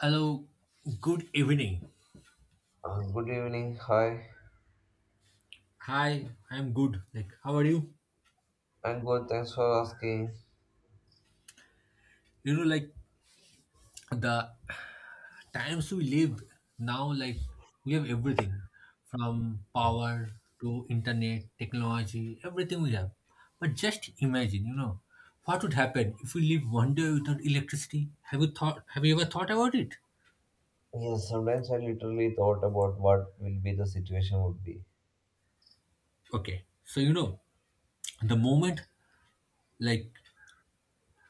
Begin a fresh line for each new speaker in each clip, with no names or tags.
Hello, good evening.
Good evening. Hi.
Hi, I'm good. How are you?
I'm good. Thanks for asking.
Like the times we live now, like we have everything from
Yeah.
power to internet, technology, everything we have. But just imagine, what would happen if we live one day without electricity? Have you ever thought about it?
Yes, sometimes I literally thought about what will be the situation would be.
Okay, so the moment like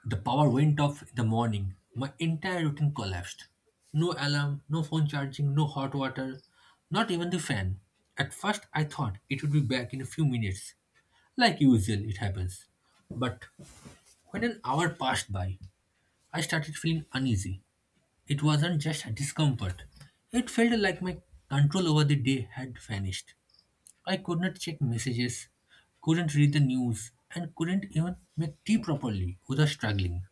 the power went off in the morning. My entire routine collapsed. No alarm, no phone charging, no hot water, not even the fan. At first, I thought it would be back in a few minutes. Like usual, it happens. But when an hour passed by, I started feeling uneasy. It wasn't just a discomfort, it felt like my control over the day had vanished. I could not check messages, couldn't read the news, and couldn't even make tea properly without struggling.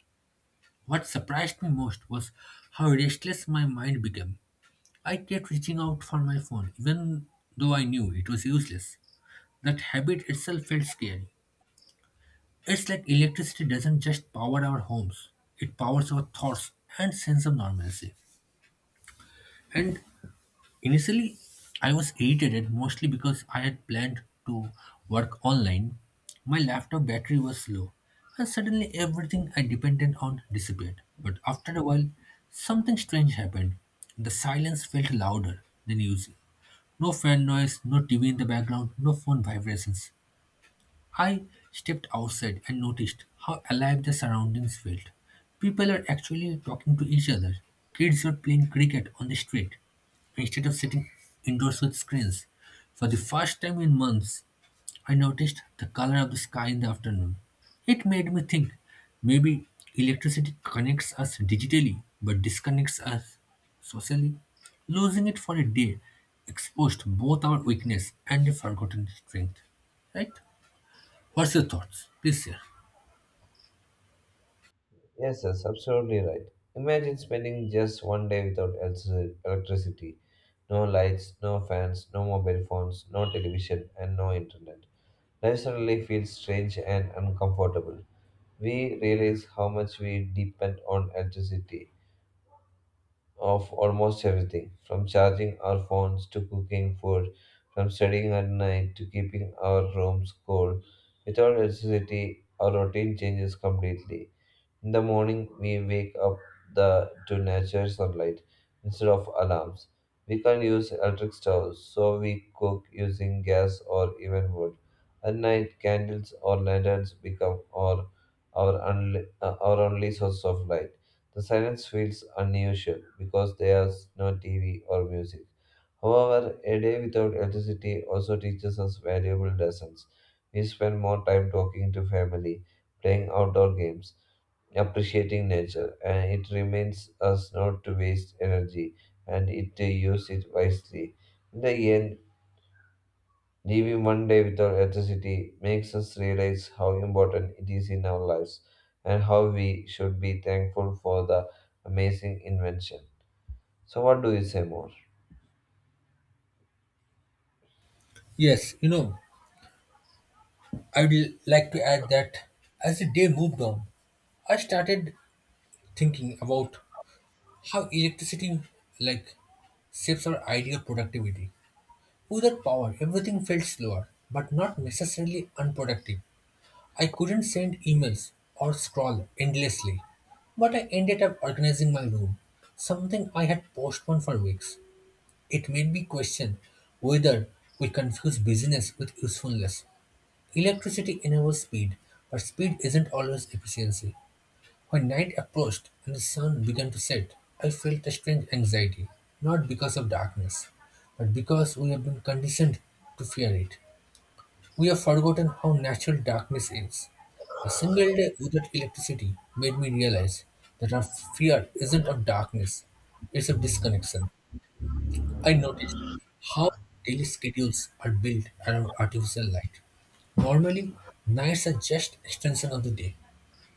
What surprised me most was how restless my mind became. I kept reaching out for my phone, even though I knew it was useless. That habit itself felt scary. It's like electricity doesn't just power our homes, it powers our thoughts and sense of normalcy. And Initially, I was irritated mostly because I had planned to work online. My laptop battery was low, and suddenly everything I depended on disappeared. But after a while, something strange happened. The silence felt louder than usual. No fan noise, no TV in the background, no phone vibrations. I stepped outside and noticed how alive the surroundings felt. People are actually talking to each other. Kids were playing cricket on the street instead of sitting indoors with screens. For the first time in months, I noticed the color of the sky in the afternoon. It made me think maybe electricity connects us digitally but disconnects us socially. Losing it for a day exposed both our weakness and a forgotten strength. Right? What's your thoughts? Please share.
Yes, yes, absolutely right. Imagine spending just one day without electricity. No lights, no fans, no mobile phones, no television, and no internet. Life suddenly feels strange and uncomfortable. We realize how much we depend on electricity of almost everything, from charging our phones to cooking food, from studying at night to keeping our rooms cool. Without electricity, our routine changes completely. In the morning, we wake up to natural sunlight instead of alarms. We can't use electric stoves, so we cook using gas or even wood. At night, candles or lanterns become our only source of light. The silence feels unusual because there's no TV or music. However, a day without electricity also teaches us valuable lessons. We spend more time talking to family, playing outdoor games, appreciating nature, and it reminds us not to waste energy and it to use it wisely. In the end, living one day without electricity makes us realize how important it is in our lives and how we should be thankful for the amazing invention. So, what do you say more?
Yes, I would like to add that as the day moved on, I started thinking about how electricity like shapes our idea of productivity. Without power, everything felt slower, but not necessarily unproductive. I couldn't send emails or scroll endlessly, but I ended up organizing my room, something I had postponed for weeks. It made me question whether we confuse busyness with usefulness. Electricity enables speed, but speed isn't always efficiency. When night approached and the sun began to set, I felt a strange anxiety, not because of darkness, but because we have been conditioned to fear it. We have forgotten how natural darkness is. A single day without electricity made me realize that our fear isn't of darkness, it's of disconnection. I noticed how daily schedules are built around artificial light. Normally, nights are just extension of the day,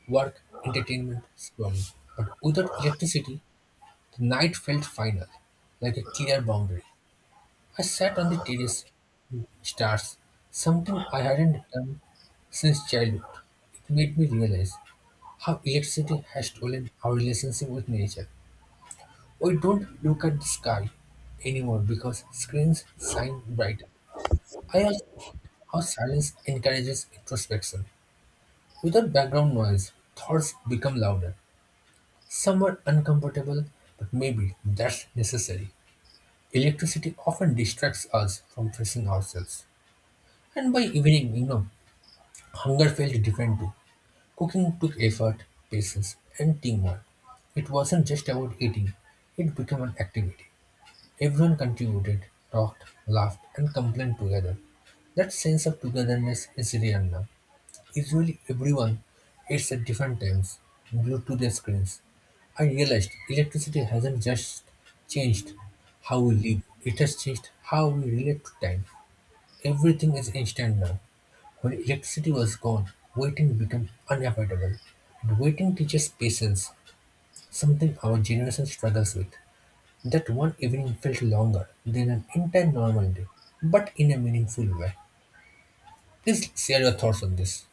work, entertainment, scrolling. But without electricity, the night felt final, like a clear boundary. I sat on the terrace, stars, something I hadn't done since childhood. It made me realize how electricity has stolen our relationship with nature. We don't look at the sky anymore because screens shine bright, I ask how silence encourages introspection. Without background noise, thoughts become louder, somewhat uncomfortable, but maybe that's necessary. Electricity often distracts us from facing ourselves. And by evening, hunger felt different too. Cooking took effort, patience, and teamwork. It wasn't just about eating, it became an activity. Everyone contributed, talked, laughed, and complained together. That sense of togetherness is real now. Usually everyone eats at different times, glued to their screens. I realized electricity hasn't just changed how we live, it has changed how we relate to time. Everything is instant now. When electricity was gone, waiting became unavoidable. And waiting teaches patience, something our generation struggles with. That one evening felt longer than an entire normal day, but in a meaningful way. Please share your thoughts on this.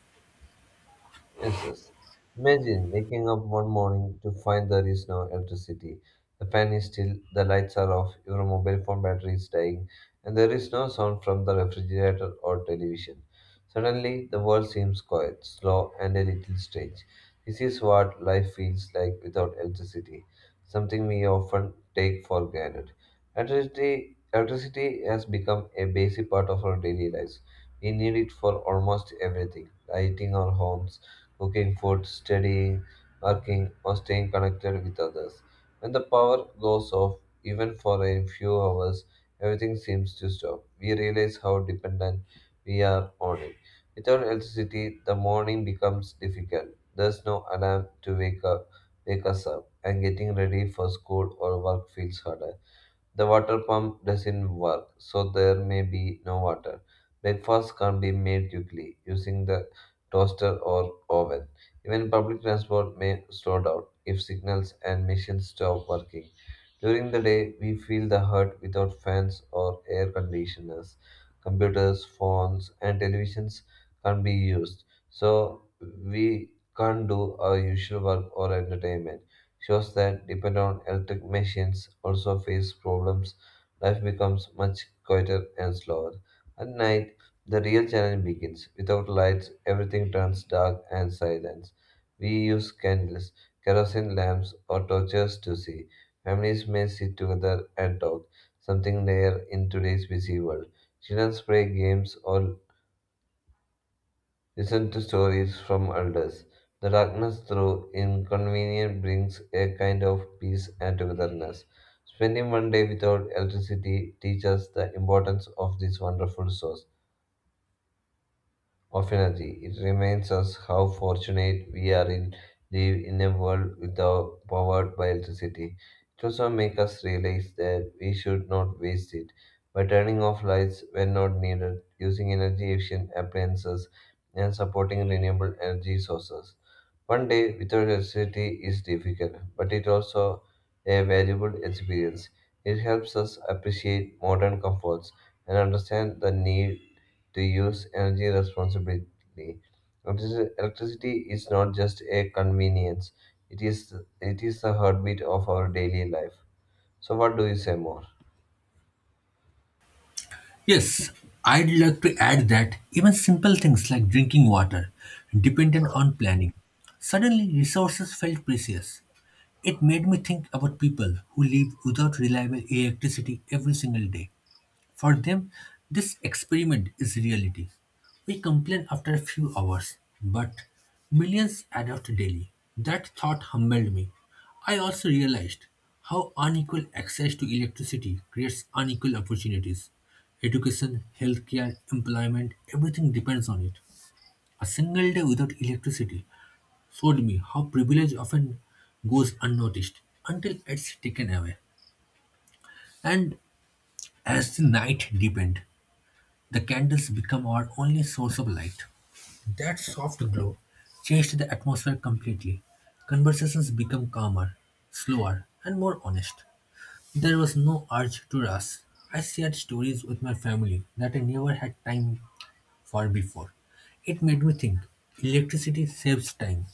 Yes, yes. Imagine waking up one morning to find there is no electricity. The fan is still, the lights are off, your mobile phone battery is dying, and there is no sound from the refrigerator or television. Suddenly, the world seems quiet, slow, and a little strange. This is what life feels like without electricity, something we often take for granted. Electricity has become a basic part of our daily lives. We need it for almost everything: lighting our homes, cooking food, studying, working, or staying connected with others. When the power goes off, even for a few hours, everything seems to stop. We realize how dependent we are on it. Without electricity, the morning becomes difficult. There's no alarm to wake us up, and getting ready for school or work feels harder. The water pump doesn't work, so there may be no water. Breakfast can't be made quickly using the toaster or oven. Even public transport may slow down if signals and machines stop working. During the day, we feel the hurt without fans or air conditioners. Computers, phones, and televisions can't be used, so we can't do our usual work or entertainment. Shows that depend on electric machines also face problems. Life becomes much quieter and slower. At night, the real challenge begins. Without lights, everything turns dark and silent. We use candles, kerosene lamps, or torches to see. Families may sit together and talk, something rare in today's busy world. Children play games or listen to stories from elders. The darkness through inconvenience brings a kind of peace and togetherness. Spending one day without electricity teaches the importance of this wonderful source of energy. It reminds us how fortunate we are in live in a world without powered by electricity. It also makes us realize that we should not waste it by turning off lights when not needed, using energy efficient appliances, and supporting renewable energy sources. One day without electricity is difficult, but it's also a valuable experience. It helps us appreciate modern comforts and understand the need to use energy responsibly. Electricity is not just a convenience; it is it is the heartbeat of our daily life. So, what do you say more?
Yes, I'd like to add that even simple things like drinking water depended on planning. Suddenly, resources felt precious. It made me think about people who live without reliable electricity every single day. For them, this experiment is reality. We complain after a few hours, but millions adopt daily. That thought humbled me. I also realized how unequal access to electricity creates unequal opportunities. Education, healthcare, employment, everything depends on it. A single day without electricity showed me how privilege often goes unnoticed until it's taken away. And as the night deepened, the candles become our only source of light. That soft glow changed the atmosphere completely. Conversations became calmer, slower, and more honest. There was no urge to rush. I shared stories with my family that I never had time for before. It made me think electricity saves time,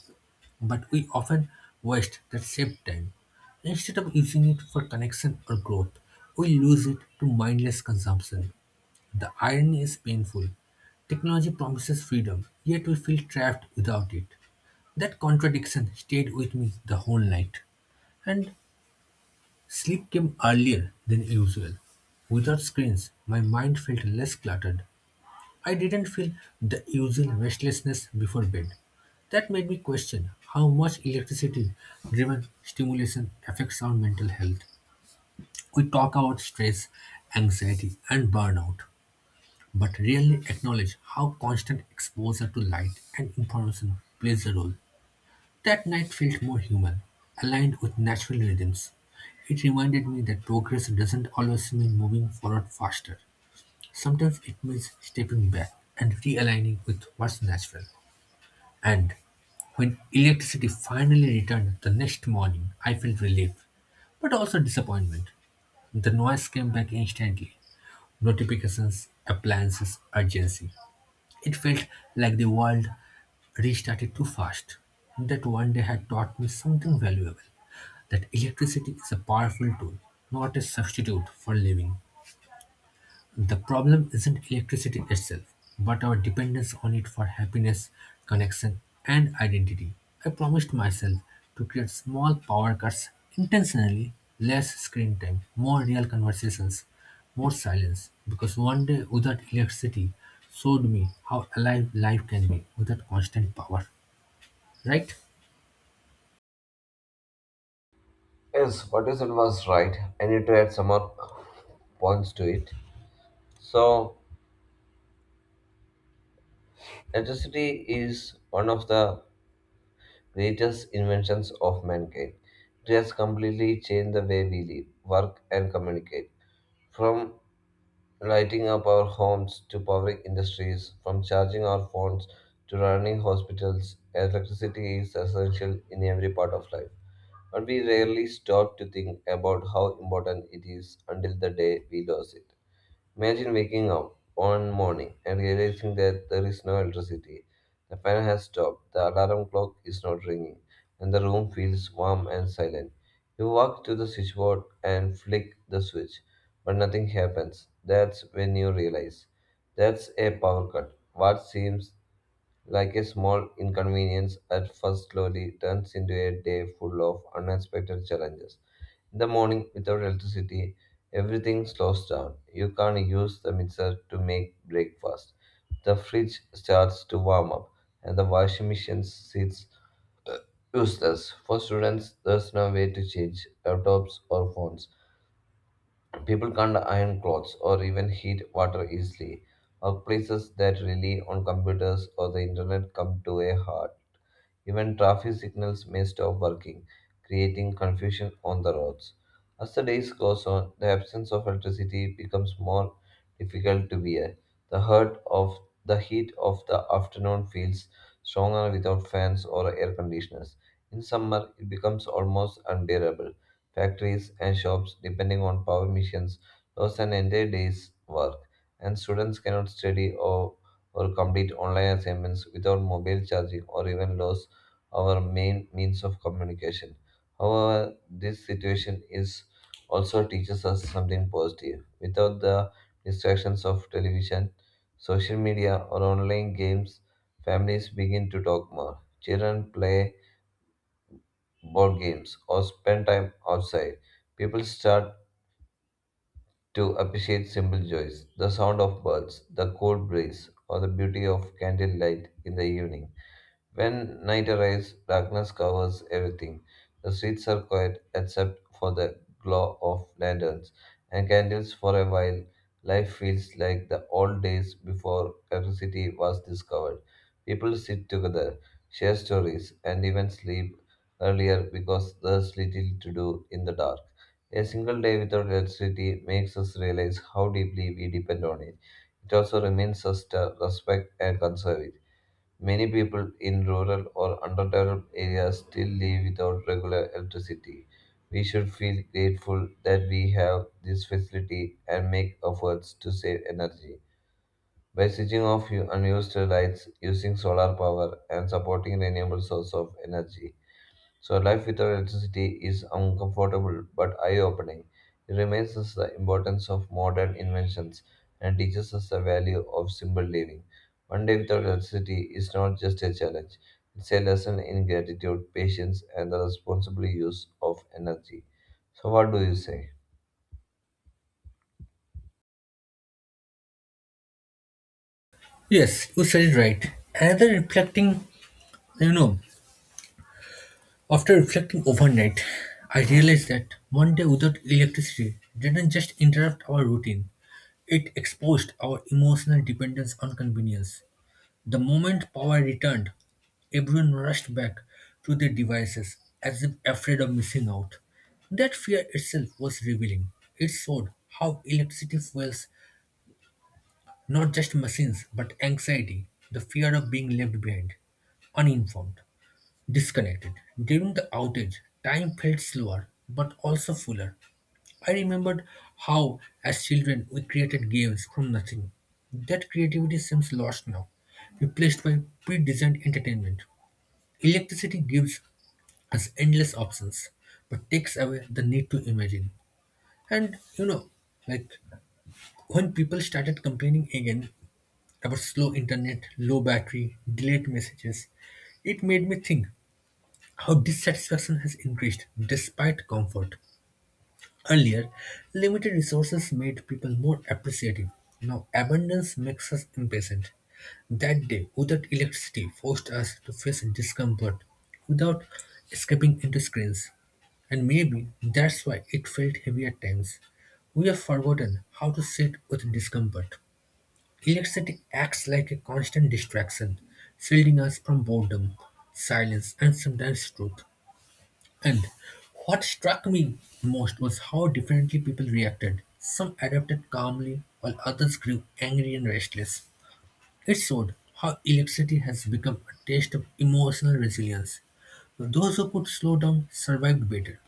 but we often waste that saved time. Instead of using it for connection or growth, we lose it to mindless consumption. The irony is painful. Technology promises freedom, yet we feel trapped without it. That contradiction stayed with me the whole night. And sleep came earlier than usual. Without screens, my mind felt less cluttered. I didn't feel the usual restlessness before bed. That made me question how much electricity driven stimulation affects our mental health. We talk about stress, anxiety, and burnout, but rarely acknowledge how constant exposure to light and information plays a role. That night felt more human, aligned with natural rhythms. It reminded me that progress doesn't always mean moving forward faster. Sometimes it means stepping back and realigning with what's natural. And when electricity finally returned the next morning, I felt relief, but also disappointment. The noise came back instantly notifications, appliances, urgency. It felt like the world restarted too fast. That one day had taught me something valuable that electricity is a powerful tool, not a substitute for living. The problem isn't electricity itself, but our dependence on it for happiness, connection, and identity. I promised myself to create small power cuts intentionally less screen time, more real conversations, more silence because one day without electricity showed me how alive life can be without constant power. Right?
Yes, what you said was right. I need to add some more points to it. So, electricity is one of the greatest inventions of mankind. It has completely changed the way we live, work, and communicate. From lighting up our homes to powering industries, from charging our phones to running hospitals, electricity is essential in every part of life. But we rarely stop to think about how important it is until the day we lose it. Imagine waking up one morning and realizing that there is no electricity. The fan has stopped, the alarm clock is not ringing, and the room feels warm and silent. You walk to the switchboard and flick the switch, but nothing happens. That's when you realize that's a power cut. What seems like a small inconvenience at first slowly turns into a day full of unexpected challenges. In the morning, without electricity, everything slows down. You can't use the mixer to make breakfast. The fridge starts to warm up, and the washing machine sits useless. For students, there's no way to change laptops or phones. People can't iron clothes or even heat water easily. Workplaces that rely on computers or the internet come to a halt. Even traffic signals may stop working, creating confusion on the roads. As the days goes on, the absence of electricity becomes more difficult to bear. The hurt of the heat of the afternoon feels stronger without fans or air conditioners. In summer, it becomes almost unbearable. Factories and shops, depending on power machines, lose an entire day's work, and students cannot study or complete online assignments without mobile charging or even low our main means of communication. However, this situation is also teaches us something positive. Without the distractions of television, social media, or online games, families begin to talk more. Children play board games or spend time outside. People start to appreciate simple joys, the sound of birds, the cold breeze, or the beauty of candlelight in the evening. When night arrives, darkness covers everything. The streets are quiet except for the glow of lanterns and candles for a while. Life feels like the old days before electricity was discovered. People sit together, share stories, and even sleep earlier because there's little to do in the dark. A single day without electricity makes us realize how deeply we depend on it. It also reminds us to respect and conserve it. Many people in rural or underdeveloped areas still live without regular electricity. We should feel grateful that we have this facility and make efforts to save energy. By switching off unused lights, using solar power, and supporting renewable sources of energy, so life without electricity is uncomfortable but eye-opening. It reminds us the importance of modern inventions and teaches us the value of simple living. One day without electricity is not just a challenge; it's a lesson in gratitude, patience, and the responsible use of energy. So what do you say?
Yes, you said it right. Another reflecting, you know, After reflecting overnight, I realized that one day without electricity didn't just interrupt our routine, it exposed our emotional dependence on convenience. The moment power returned, everyone rushed back to their devices as if afraid of missing out. That fear itself was revealing. It showed how electricity fuels not just machines but anxiety, the fear of being left behind, uninformed, disconnected. During the outage, time felt slower but also fuller. I remembered how, as children, we created games from nothing. That creativity seems lost now, replaced by pre designed entertainment. Electricity gives us endless options but takes away the need to imagine. And like when people started complaining again about slow internet, low battery, delayed messages, it made me think her dissatisfaction has increased despite comfort. Earlier, limited resources made people more appreciative. Now, abundance makes us impatient. That day, without electricity, forced us to face discomfort without escaping into screens. And maybe that's why it felt heavy at times. We have forgotten how to sit with discomfort. Electricity acts like a constant distraction, shielding us from boredom, silence, and sometimes truth. And what struck me most was how differently people reacted. Some adapted calmly, while others grew angry and restless. It showed how electricity has become a test of emotional resilience. Those who could slow down survived better,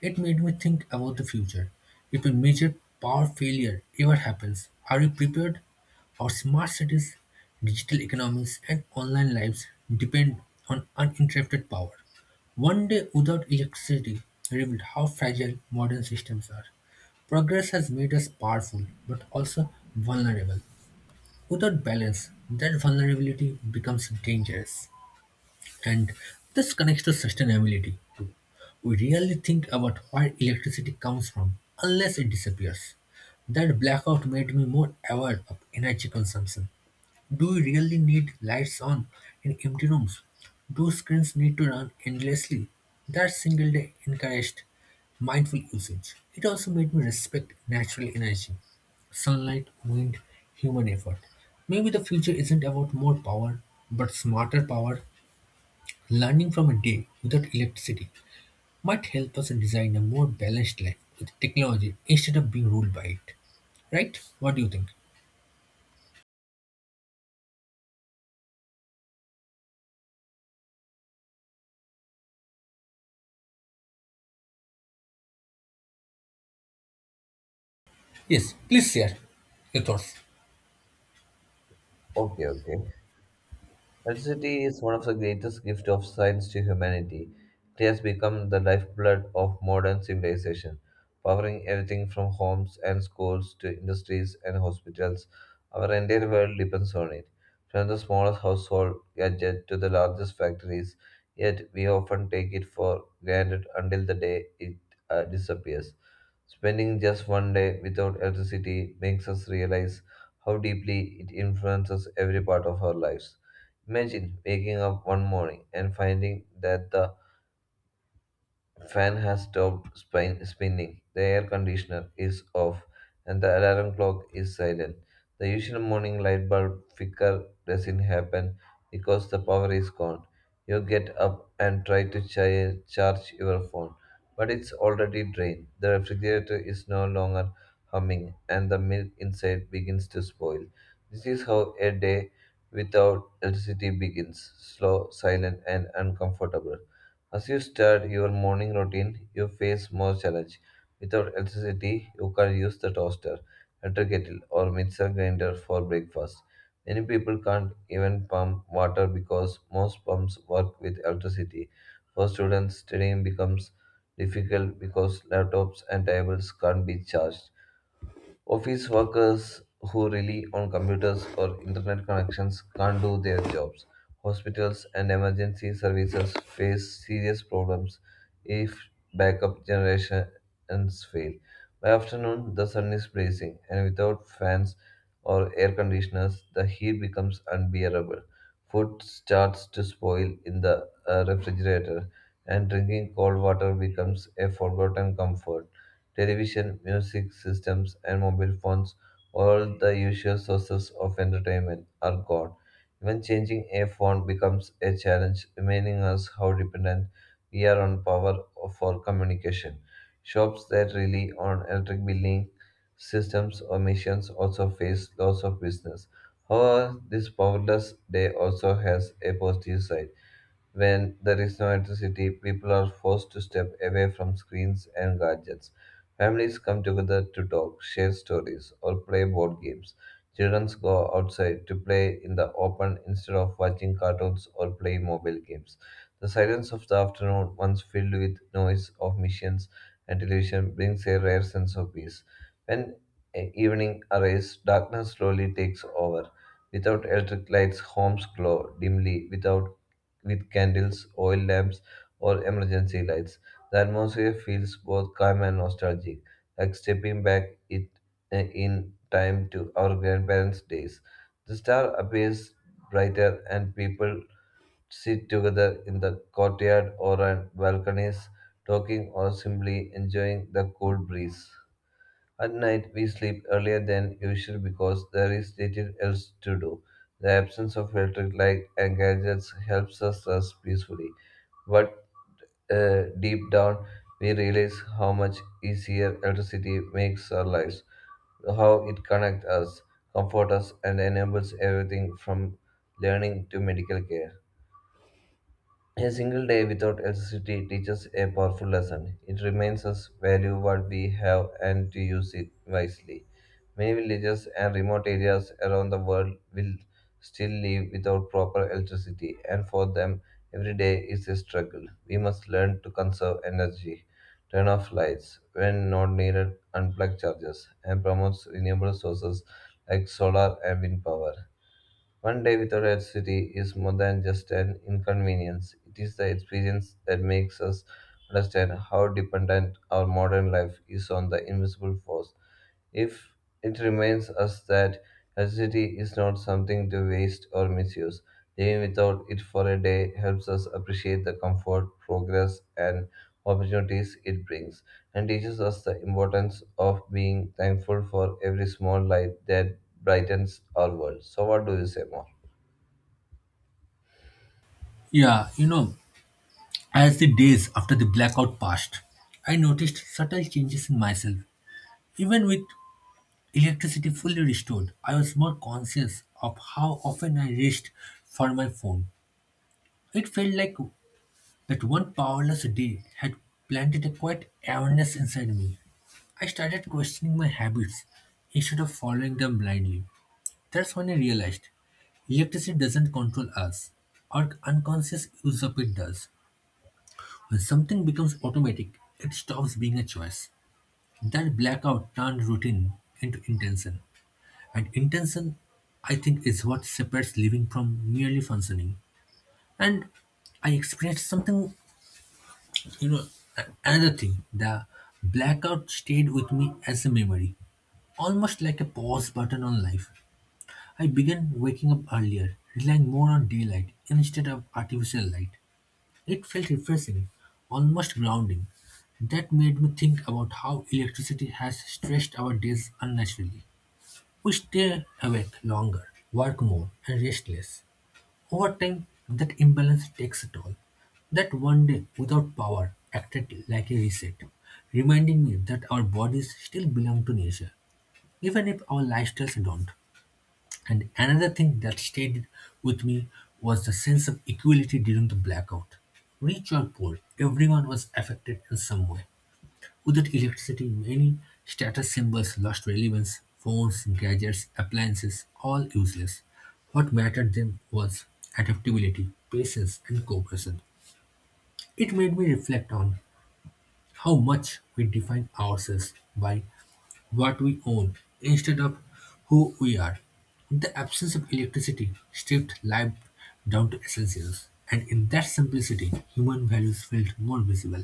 it made me think about the future. If a major power failure ever happens, are we prepared? Our smart cities, digital economies, and online lives depend on uninterrupted power. One day without electricity revealed how fragile modern systems are. Progress has made us powerful, but also vulnerable. Without balance, that vulnerability becomes dangerous. And this connects to sustainability too. We really think about where electricity comes from unless it disappears. That blackout made me more aware of energy consumption. Do we really need lights on in empty rooms? Do screens need to run endlessly? That single day encouraged mindful usage. It also made me respect natural energy, sunlight, wind, human effort. Maybe the future isn't about more power, but smarter power learning from a day without electricity might help us design a more balanced life with technology instead of being ruled by it. Right? What do you think? Yes, please share your thoughts.
Okay, okay. Electricity is one of the greatest gifts of science to humanity. It has become the lifeblood of modern civilization, powering everything from homes and schools to industries and hospitals. Our entire world depends on it, from the smallest household gadget to the largest factories. Yet we often take it for granted until the day it disappears. Spending just one day without electricity makes us realize how deeply it influences every part of our lives. Imagine waking up one morning and finding that the fan has stopped spinning, the air conditioner is off, and the alarm clock is silent. The usual morning light bulb flicker doesn't happen because the power is gone. You get up and try to charge your phone, but it's already drained. The refrigerator is no longer humming, and the milk inside begins to spoil. This is how a day without electricity begins: slow, silent, and uncomfortable. As you start your morning routine, you face more challenge. Without electricity, you can use the toaster, electric kettle, or mixer grinder for breakfast. Many people can't even pump water because most pumps work with electricity. For students, studying becomes difficult because laptops and tablets can't be charged. Office workers who rely on computers or internet connections can't do their jobs. Hospitals and emergency services face serious problems if backup generations fail. By afternoon, the sun is blazing, and without fans or air conditioners, the heat becomes unbearable. Food starts to spoil in the refrigerator, and drinking cold water becomes a forgotten comfort. Television, music systems, and mobile phones, all the usual sources of entertainment, are gone. Even changing a phone becomes a challenge, reminding us how dependent we are on power for communication. Shops that rely on electric billing systems or machines also face loss of business. However, this powerless day also has a positive side. When there is no electricity, people are forced to step away from screens and gadgets. Families come together to talk, share stories, or play board games. Children go outside to play in the open instead of watching cartoons or playing mobile games. The silence of the afternoon, once filled with noise of machines and television, brings a rare sense of peace. When evening arrives, darkness slowly takes over. Without electric lights, homes glow dimly without with candles, oil lamps, or emergency lights. The atmosphere feels both calm and nostalgic, like stepping back in time to our grandparents' days. The star appears brighter, and people sit together in the courtyard or on balconies, talking or simply enjoying the cool breeze. At night, we sleep earlier than usual because there is little else to do. The absence of electric light and gadgets helps us rest peacefully. But deep down, we realize how much easier electricity makes our lives, how it connects us, comforts us, and enables everything from learning to medical care. A single day without electricity teaches a powerful lesson. It reminds us value what we have and to use it wisely. Many villages and remote areas around the world will still live without proper electricity, and for them, every day is a struggle. We must learn to conserve energy, turn off lights when not needed, unplug chargers, and promote renewable sources like solar and wind power. One day without electricity is more than just an inconvenience. It is the experience that makes us understand how dependent our modern life is on the invisible force. If it reminds us that electricity is not something to waste or misuse, living without it for a day helps us appreciate the comfort, progress, and opportunities it brings, and teaches us the importance of being thankful for every small light that brightens our world. So, what do you say more?
Yeah, as the days after the blackout passed, I noticed subtle changes in myself. Even with electricity fully restored, I was more conscious of how often I reached for my phone. It felt like that one powerless day had planted a quiet awareness inside me. I started questioning my habits instead of following them blindly. That's when I realized electricity doesn't control us. Our unconscious use of it does. When something becomes automatic, it stops being a choice. That blackout turned routine into intention. And intention, I think, is what separates living from merely functioning. And I experienced something, you know, another thing. The blackout stayed with me as a memory, almost like a pause button on life. I began waking up earlier, relying more on daylight instead of artificial light. It felt refreshing, almost grounding. That made me think about how electricity has stretched our days unnaturally. We stay awake longer, work more, and rest less. Over time, that imbalance takes a toll. That one day without power acted like a reset, reminding me that our bodies still belong to nature, even if our lifestyles don't. And another thing that stayed with me was the sense of equality during the blackout. Rich or poor, everyone was affected in some way. Without electricity, many status symbols lost relevance. Phones, gadgets, appliances, all useless. What mattered then was adaptability, patience, and cooperation. It made me reflect on how much we define ourselves by what we own instead of who we are. The absence of electricity stripped life down to essentials, and in that simplicity, human values felt more visible.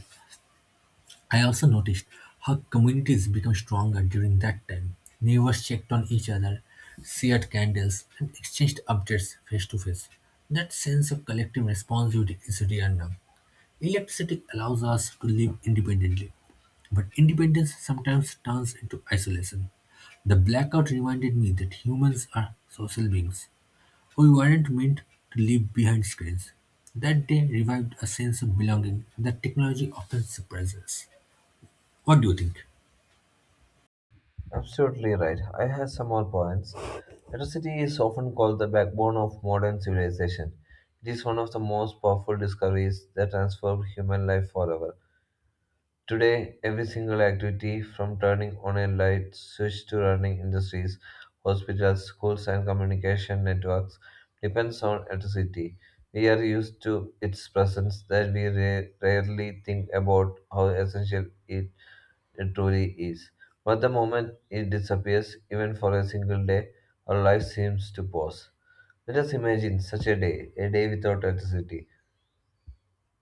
I also noticed how communities became stronger during that time. Neighbors checked on each other, shared candles, and exchanged updates face to face. That sense of collective responsibility is rare now. Electricity allows us to live independently, but independence sometimes turns into isolation. The blackout reminded me that humans are social beings. We weren't meant to live behind screens. That day revived a sense of belonging that technology often suppresses. What do you think?
Absolutely right. I have some more points. Electricity is often called the backbone of modern civilization. It is one of the most powerful discoveries that transformed human life forever. Today, every single activity, from turning on a light switch to running industries, hospitals, schools, and communication networks, depends on electricity. We are used to its presence that we rarely think about how essential it truly is. But the moment it disappears, even for a single day, our life seems to pause. Let us imagine such a day without electricity.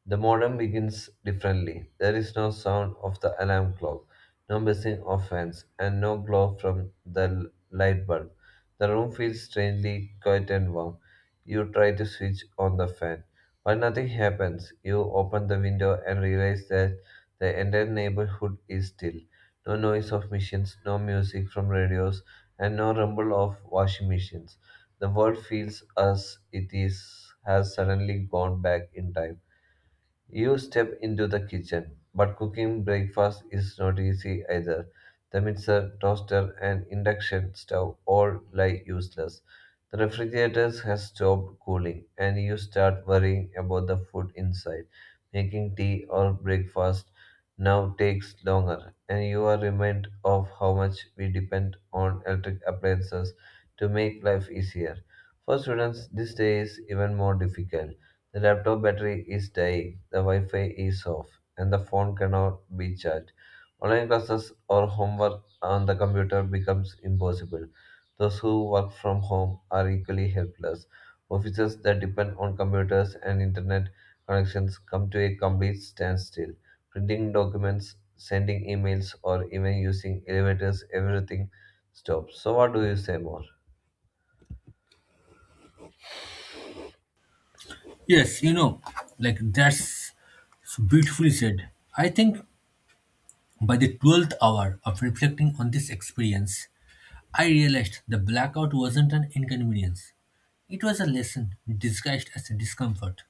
The morning begins differently. There is no sound of the alarm clock, no buzzing of fans, and no glow from the light bulb. The room feels strangely quiet and warm. You try to switch on the fan, but nothing happens. You open the window and realize that the entire neighborhood is still. No noise of machines, no music from radios, and no rumble of washing machines. The world feels as it is has suddenly gone back in time. You step into the kitchen, but cooking breakfast is not easy either. The mixer, toaster, and induction stove all lie useless. The refrigerator has stopped cooling, and you start worrying about the food inside. Making tea or breakfast now takes longer, and you are reminded of how much we depend on electric appliances to make life easier. For students, this day is even more difficult. The laptop battery is dying, the Wi Fi is off, and the phone cannot be charged. Online classes or homework on the computer becomes impossible. Those who work from home are equally helpless. Offices that depend on computers and internet connections come to a complete standstill. Printing documents, sending emails, or even using elevators, everything stops. So, what do you say more?
Yes, that's so beautifully said. I think by the 12th hour of reflecting on this experience, I realized the blackout wasn't an inconvenience. It was a lesson disguised as discomfort.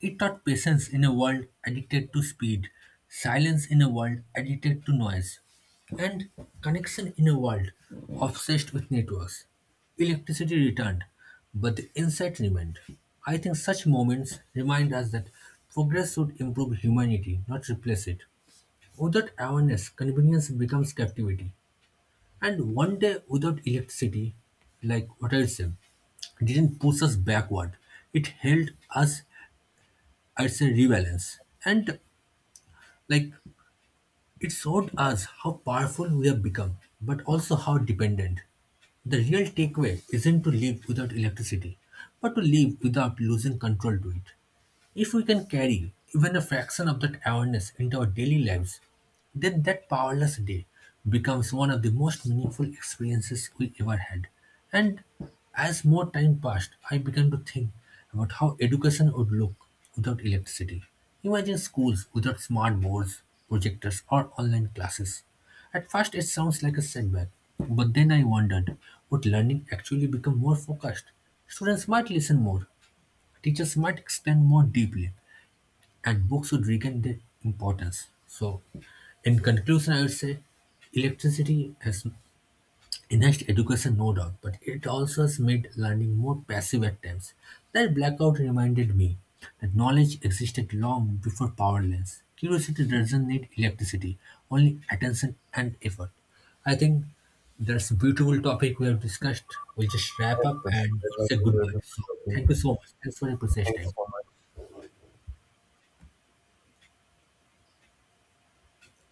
It taught patience in a world addicted to speed, silence in a world addicted to noise, and connection in a world obsessed with networks. Electricity returned, but the insight remained. I think such moments remind us that progress should improve humanity, not replace it. Without awareness, convenience becomes captivity. And one day without electricity, like what I said, didn't push us backward. It held us, it's a rebalance. And like it showed us how powerful we have become, but also how dependent. The real takeaway isn't to live without electricity, but to live without losing control to it. If we can carry even a fraction of that awareness into our daily lives, then that powerless day becomes one of the most meaningful experiences we ever had. And as more time passed, I began to think about how education would look without electricity. Imagine schools without smart boards, projectors, or online classes. At first, it sounds like a setback, but then I wondered, would learning actually become more focused? Students might listen more, teachers might explain more deeply, and books should regain their importance. So, in conclusion, I would say electricity has enhanced education, no doubt, but it also has made learning more passive at times. That blackout reminded me that knowledge existed long before power lines. Curiosity doesn't need electricity, only attention and effort. I think that's a beautiful topic we have discussed. We'll just wrap up
That's-
and
that's
say
what
goodbye.
we're
So, thank you so much. Thanks for your precious
Thanks
time.
so